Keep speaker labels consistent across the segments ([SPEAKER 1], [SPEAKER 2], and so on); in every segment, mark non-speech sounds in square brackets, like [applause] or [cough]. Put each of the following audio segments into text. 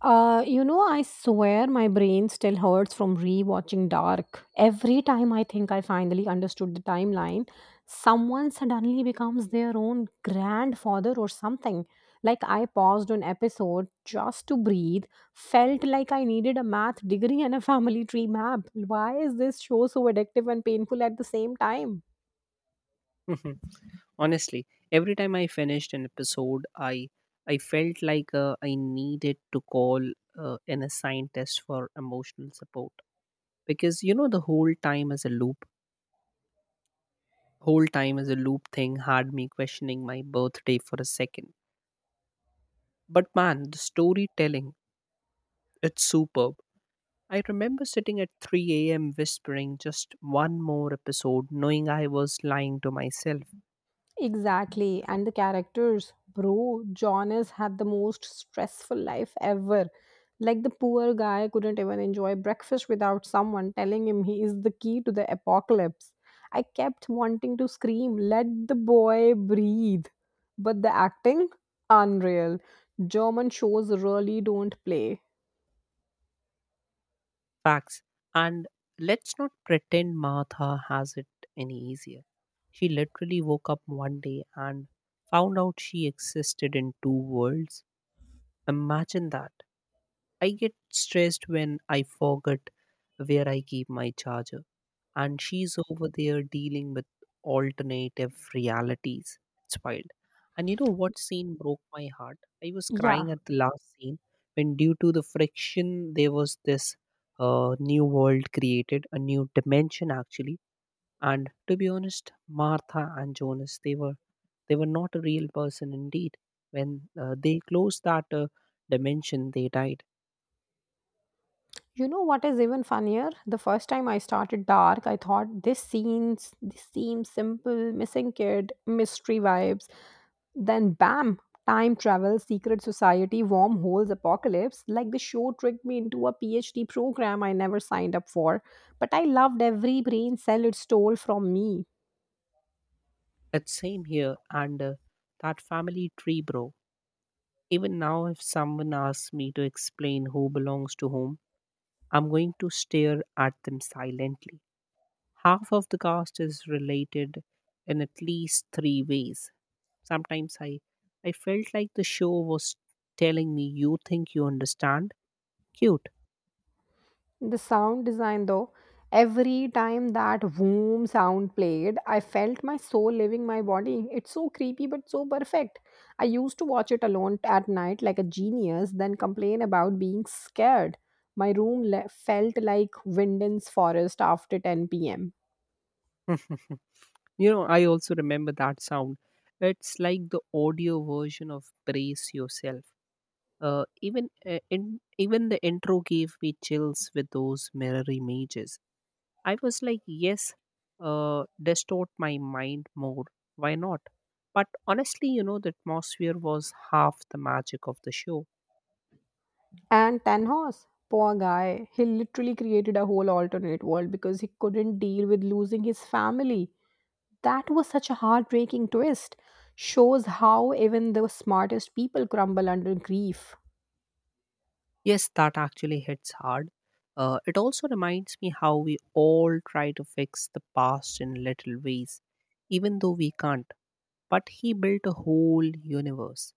[SPEAKER 1] I swear my brain still hurts from rewatching Dark. Every time I think I finally understood the timeline, someone suddenly becomes their own grandfather or something. Like I paused an episode just to breathe, felt like I needed a math degree and a family tree map. Why is this show so addictive and painful at the same time?
[SPEAKER 2] [laughs] Mhm. Honestly, every time I finished an episode, I felt like I needed to call an assigned test for emotional support because you know the whole time as a loop thing had me questioning my birthday for a second. But man, the storytelling, it's superb. I remember sitting at 3 a.m. whispering just one more episode, knowing I was lying to myself.
[SPEAKER 1] Exactly. And the characters, bro, John has had the most stressful life ever. Like the poor guy couldn't even enjoy breakfast without someone telling him he is the key to the apocalypse. I kept wanting to scream, let the boy breathe. But the acting, unreal. German shows really don't play.
[SPEAKER 2] Facts. And let's not pretend Martha has it any easier. She literally woke up one day and found out she existed in two worlds. Imagine that. I get stressed when I forget where I keep my charger, and she's over there dealing with alternative realities. It's wild. And you know what scene broke my heart? I was
[SPEAKER 1] Yeah.
[SPEAKER 2] crying at the last scene when, due to the friction, there was this new world created, a new dimension actually. And to be honest, Martha and Jonas, they were not a real person indeed. When they closed that dimension, they died.
[SPEAKER 1] You know what is even funnier? The first time I started dark, I thought this seems simple, missing kid, mystery vibes. Then bam, time travel, secret society, wormholes, apocalypse. Like the show tricked me into a PhD program I never signed up for. But I loved every brain cell it stole from me.
[SPEAKER 2] It's same here. And That family tree, bro. Even now, if someone asks me to explain who belongs to whom, I'm going to stare at them silently. Half of the cast is related in at least three ways. Sometimes I, I felt like the show was telling me, "You think you understand? Cute."
[SPEAKER 1] The sound design, though, every time that boom sound played, I felt my soul leaving my body. It's so creepy but so perfect. I used to watch it alone at night like a genius, then complain about being scared. My room felt like Winden's forest after 10 pm.
[SPEAKER 2] [laughs] You know, I also remember that sound. It's like the audio version of brace yourself. Even the intro gave me chills with those mirror images. I was like, yes, distort my mind more. Why not? But honestly, you know, the atmosphere was half the magic of the show.
[SPEAKER 1] And Tanhos, poor guy, he literally created a whole alternate world because he couldn't deal with losing his family. That was such a heartbreaking twist. Shows how even the smartest people crumble under grief.
[SPEAKER 2] Yes, that actually hits hard. It also reminds me how we all try to fix the past in little ways, even though we can't. But he built a whole universe,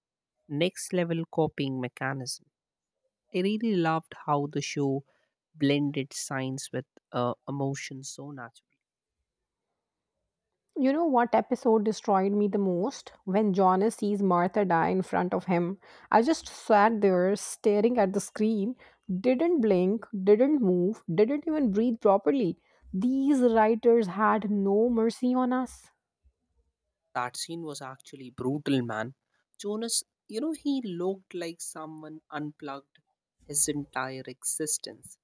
[SPEAKER 2] next level copying mechanism. I really loved how the show blended science with emotion so naturally.
[SPEAKER 1] You know what episode destroyed me the most? When Jonas sees Martha die in front of him. I just sat there staring at the screen, didn't blink, didn't move, didn't even breathe properly. These writers had no mercy on us.
[SPEAKER 2] That scene was actually brutal, man. Jonas, you know, he looked like someone unplugged his entire existence.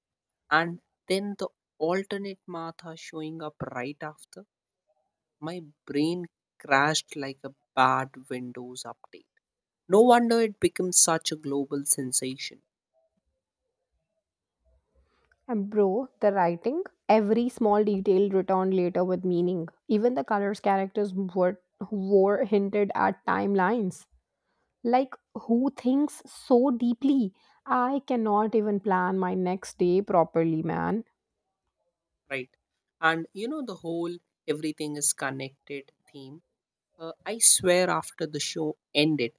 [SPEAKER 2] And then the alternate Martha showing up right after, my brain crashed like a bad Windows update. No wonder it became such a global sensation,
[SPEAKER 1] And bro, the writing, every small detail returned later with meaning. Even the were hinted at timelines. Like, who thinks so deeply? I cannot even plan my next day properly, man.
[SPEAKER 2] right? And you know, the whole everything is connected theme. I swear, after the show ended,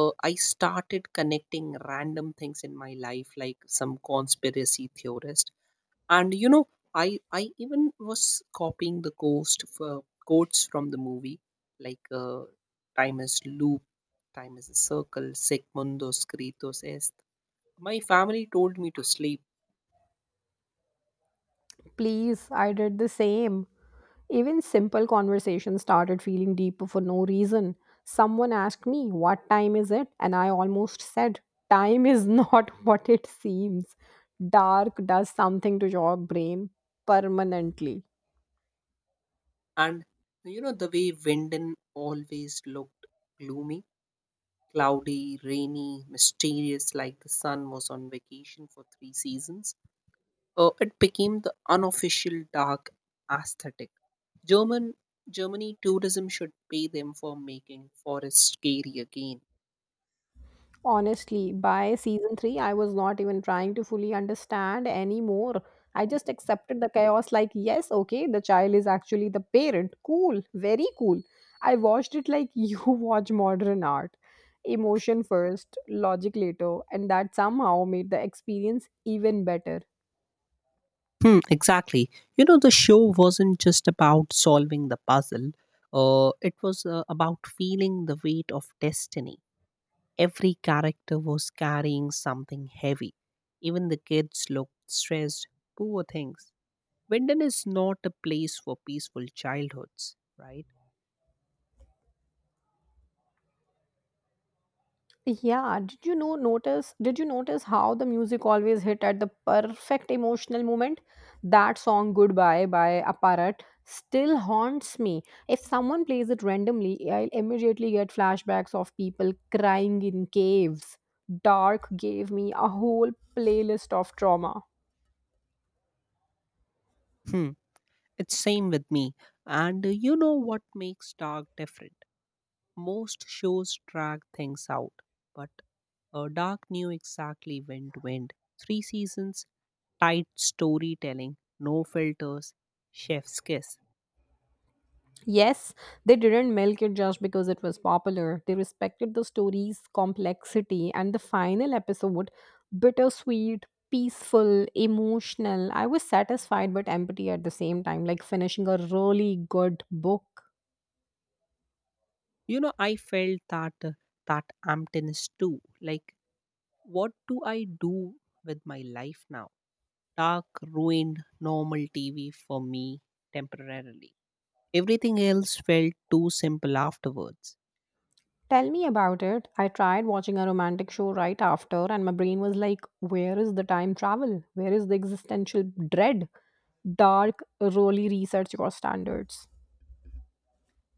[SPEAKER 2] I started connecting random things in my life, like some conspiracy theorist. And you know, I even was copying the ghost for quotes from the movie, like "Time is loop, time is a circle, sic mundos kritos est." My family told me to sleep,
[SPEAKER 1] Please, I did the same. Even simple conversations started feeling deeper for no reason. Someone asked me, "What time is it?" And I almost said, "Time is not [laughs] what it seems." Dark does something to your brain permanently.
[SPEAKER 2] and you know the way Wyndon always looked gloomy, cloudy, rainy, mysterious, like the sun was on vacation for three seasons. It became the unofficial dark aesthetic. German Germany tourism should pay them for making forests scary again.
[SPEAKER 1] Honestly, by season 3, I was not even trying to fully understand anymore. I just accepted the chaos like, yes, okay, the child is actually the parent. Cool, very cool. I watched it like [laughs] you watch modern art. Emotion first, logic later, and that somehow made the experience even better.
[SPEAKER 2] Hmm, exactly. You know, the show wasn't just about solving the puzzle. It was about feeling the weight of destiny. Every character was carrying something heavy. Even the kids looked stressed, poor things. Winden is not a place for peaceful childhoods, right?
[SPEAKER 1] Yeah, did you notice how the music always hit at the perfect emotional moment? That song Goodbye by Apparat still haunts me. If someone plays it randomly, I'll immediately get flashbacks of people crying in caves. Dark gave me a whole playlist of trauma.
[SPEAKER 2] Hmm. It's same with me. And You know what makes Dark different? Most shows drag things out, but Dark knew exactly when to end. Three seasons, tight storytelling, no filters, chef's kiss.
[SPEAKER 1] Yes, they didn't milk it just because it was popular. They respected the story's complexity, and the final episode, bittersweet, peaceful, emotional. I was satisfied but empty at the same time, like finishing a really good book.
[SPEAKER 2] You know, I felt that emptiness too. Like, what do I do with my life now? Dark ruined normal TV for me temporarily. Everything else felt too simple afterwards.
[SPEAKER 1] Tell me about it. I tried watching a romantic show right after, and my brain was like, "Where is the time travel? Where is the existential dread?" Dark, really research your standards.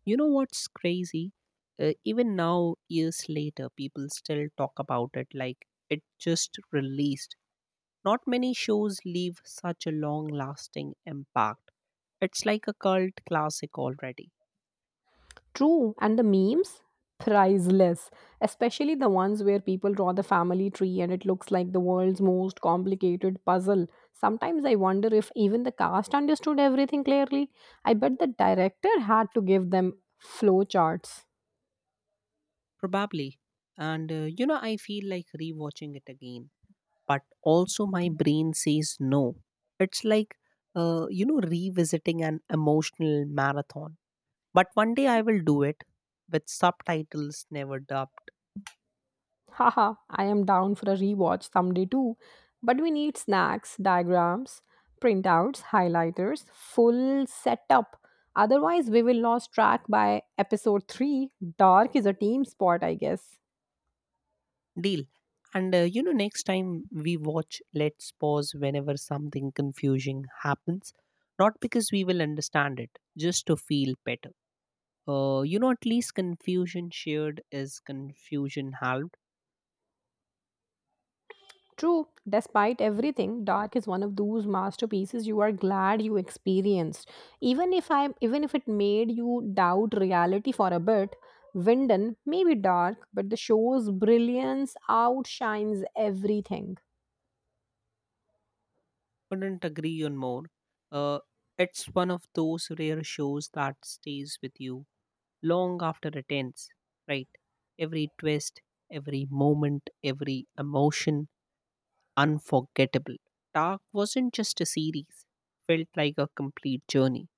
[SPEAKER 2] You know what's crazy? Even now, years later, people still talk about it like it just released. Not many shows leave such a long lasting impact. It's like a cult classic already,
[SPEAKER 1] True, and the memes? Priceless, especially the ones where people draw the family tree and it looks like the world's most complicated puzzle. Sometimes I wonder if even the cast understood everything clearly. I bet the director had to give them flowcharts.
[SPEAKER 2] probably. And You know, I feel like rewatching it again but also my brain says no. It's like, you know, revisiting an emotional marathon. But one day I will do it with subtitles never dubbed.
[SPEAKER 1] Haha, I am down for a rewatch someday too. But we need snacks, diagrams, printouts, highlighters, full setup. Otherwise, we will lose track by episode 3. Dark is a team sport, I guess.
[SPEAKER 2] Deal. You know, next time we watch, let's pause whenever something confusing happens. Not because we will understand it, just to feel better. You know, at least confusion shared is confusion halved.
[SPEAKER 1] True, despite everything, Dark is one of those masterpieces you are glad you experienced. Even if it made you doubt reality for a bit, Winden may be dark, but the show's brilliance outshines everything.
[SPEAKER 2] Couldn't agree on more. Uh, it's one of those rare shows that stays with you long after it ends, right? Every twist, every moment, every emotion, unforgettable. Dark wasn't just a series, felt like a complete journey.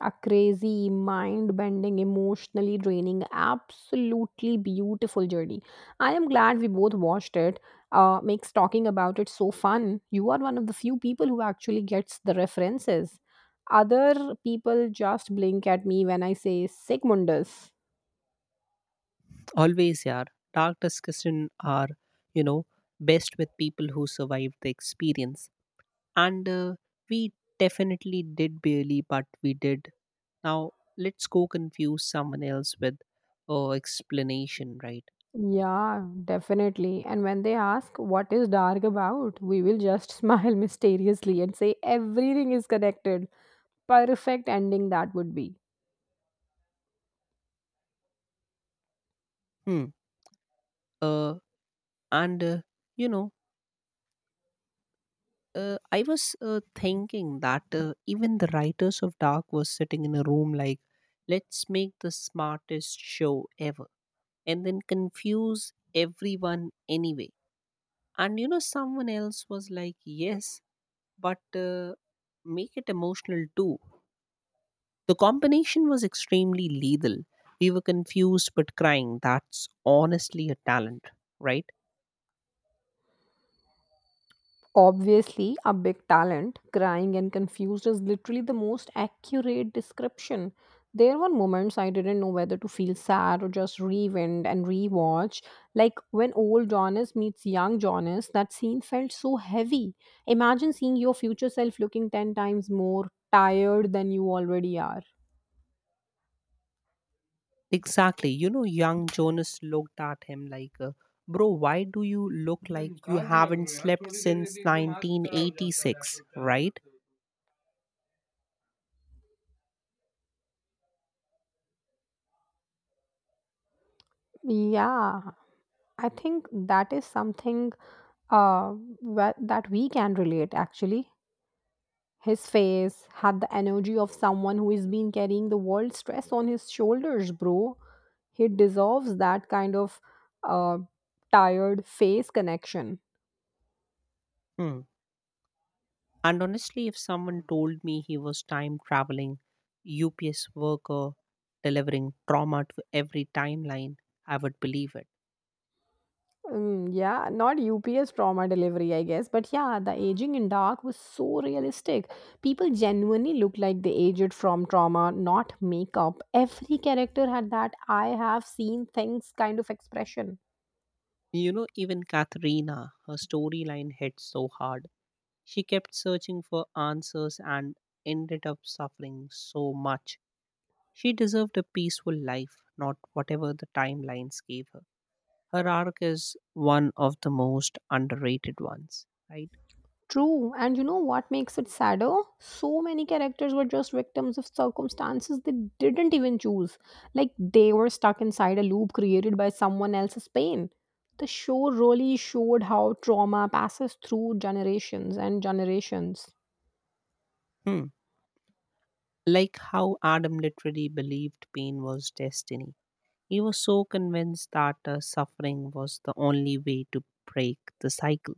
[SPEAKER 1] A crazy, mind bending, emotionally draining, absolutely beautiful journey. I am glad we both watched it. Makes talking about it so fun. You are one of the few people who actually gets the references. Other people just blink at me when I say Sigmundus.
[SPEAKER 2] Always, yeah, dark discussion are, you know, best with people who survived the experience. And We definitely did barely, but we did. Now, let's go confuse someone else with explanation, right?
[SPEAKER 1] Yeah, definitely. And when they ask, "What is dark about?" we will just [laughs] smile mysteriously and say, "Everything is connected." Perfect ending that would be.
[SPEAKER 2] Hmm. Uh, and, you know, I was thinking that even the writers of Dark were sitting in a room like, let's make the smartest show ever, and then confuse everyone anyway. And, you know, someone else was like, yes, but make it emotional too. The combination was extremely lethal. We were confused but crying. That's honestly a talent, right?
[SPEAKER 1] Obviously, a big talent, crying and confused is literally the most accurate description. There were moments I didn't know whether to feel sad or just rewind and rewatch. Like when old Jonas meets young Jonas, that scene felt so heavy. Imagine seeing your future self looking 10 times more tired than you already are.
[SPEAKER 2] Exactly. You know, young Jonas looked at him like, bro, why do you look like you haven't slept since 1986, right?
[SPEAKER 1] Yeah, I think that is something uh, that we can relate actually. His face had the energy of someone who has been carrying the world's stress on his shoulders, bro. He deserves that kind of uh, tired face connection.
[SPEAKER 2] Hmm. And honestly, if someone told me he was time traveling, UPS worker, delivering trauma to every timeline, I would believe it.
[SPEAKER 1] Mm, yeah, not UPS trauma delivery, I guess. But yeah, the aging in dark was so realistic. People genuinely looked like they aged from trauma, not makeup. Every character had that I have seen things kind of expression.
[SPEAKER 2] You know, even Katharina, her storyline hit so hard. She kept searching for answers and ended up suffering so much. She deserved a peaceful life, not whatever the timelines gave her. Her arc is one of the most underrated ones, right?
[SPEAKER 1] True, and you know what makes it sadder? So many characters were just victims of circumstances they didn't even choose. Like they were stuck inside a loop created by someone else's pain. The show really showed how trauma passes through generations and generations.
[SPEAKER 2] Hmm. Like how Adam literally believed pain was destiny. He was so convinced that suffering was the only way to break the cycle.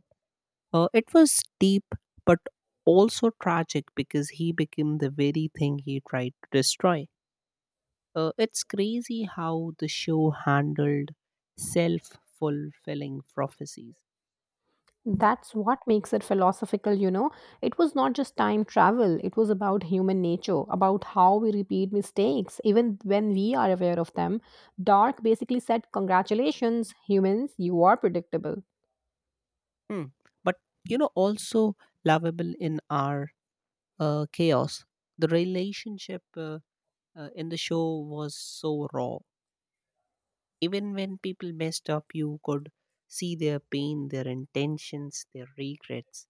[SPEAKER 2] It was deep but also tragic because he became the very thing he tried to destroy. It's crazy how the show handled self fulfilling prophecies.
[SPEAKER 1] That's what makes it philosophical, you know. It was not just time travel, it was about human nature, about how we repeat mistakes, even when we are aware of them. Dark basically said, "Congratulations, humans, you are predictable."
[SPEAKER 2] Hmm. But you know, also lovable in our chaos. The relationship in the show was so raw. Even when people messed up, you could see their pain, their intentions, their regrets.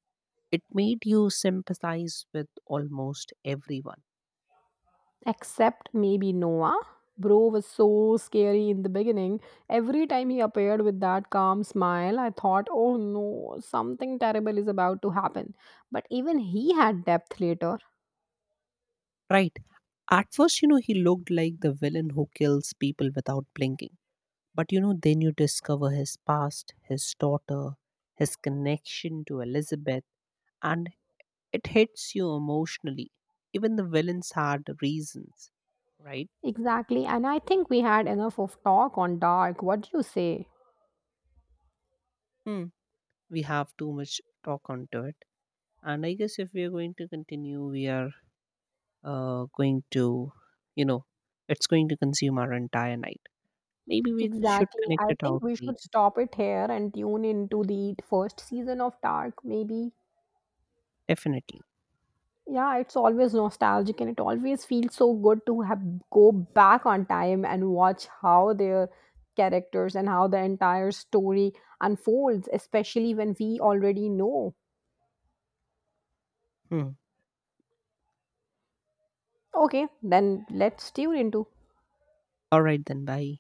[SPEAKER 2] It made you sympathize with almost everyone.
[SPEAKER 1] Except maybe Noah. Bro was so scary in the beginning. Every time he appeared with that calm smile, I thought, oh no, something terrible is about to happen. But even he had depth later.
[SPEAKER 2] Right. At first, you know, he looked like the villain who kills people without blinking. But you know, then you discover his past, his daughter, his connection to Elizabeth, and it hits you emotionally. Even the villains had reasons, right?
[SPEAKER 1] Exactly. And I think we had enough of talk on dark. What do you say?
[SPEAKER 2] Hmm. We have too much talk onto it. And I guess if we are going to continue, we are going to, you know, it's going to consume our entire night. Maybe we should
[SPEAKER 1] Exactly.
[SPEAKER 2] connect
[SPEAKER 1] I
[SPEAKER 2] it
[SPEAKER 1] think
[SPEAKER 2] out
[SPEAKER 1] we should
[SPEAKER 2] later.
[SPEAKER 1] stop it here and tune into the first season of Dark, maybe.
[SPEAKER 2] Definitely.
[SPEAKER 1] Yeah, it's always nostalgic and it always feels so good to have go back on time and watch how their characters and how the entire story unfolds, especially when we already know.
[SPEAKER 2] Hmm.
[SPEAKER 1] Okay, then let's tune into
[SPEAKER 2] All right then. Bye.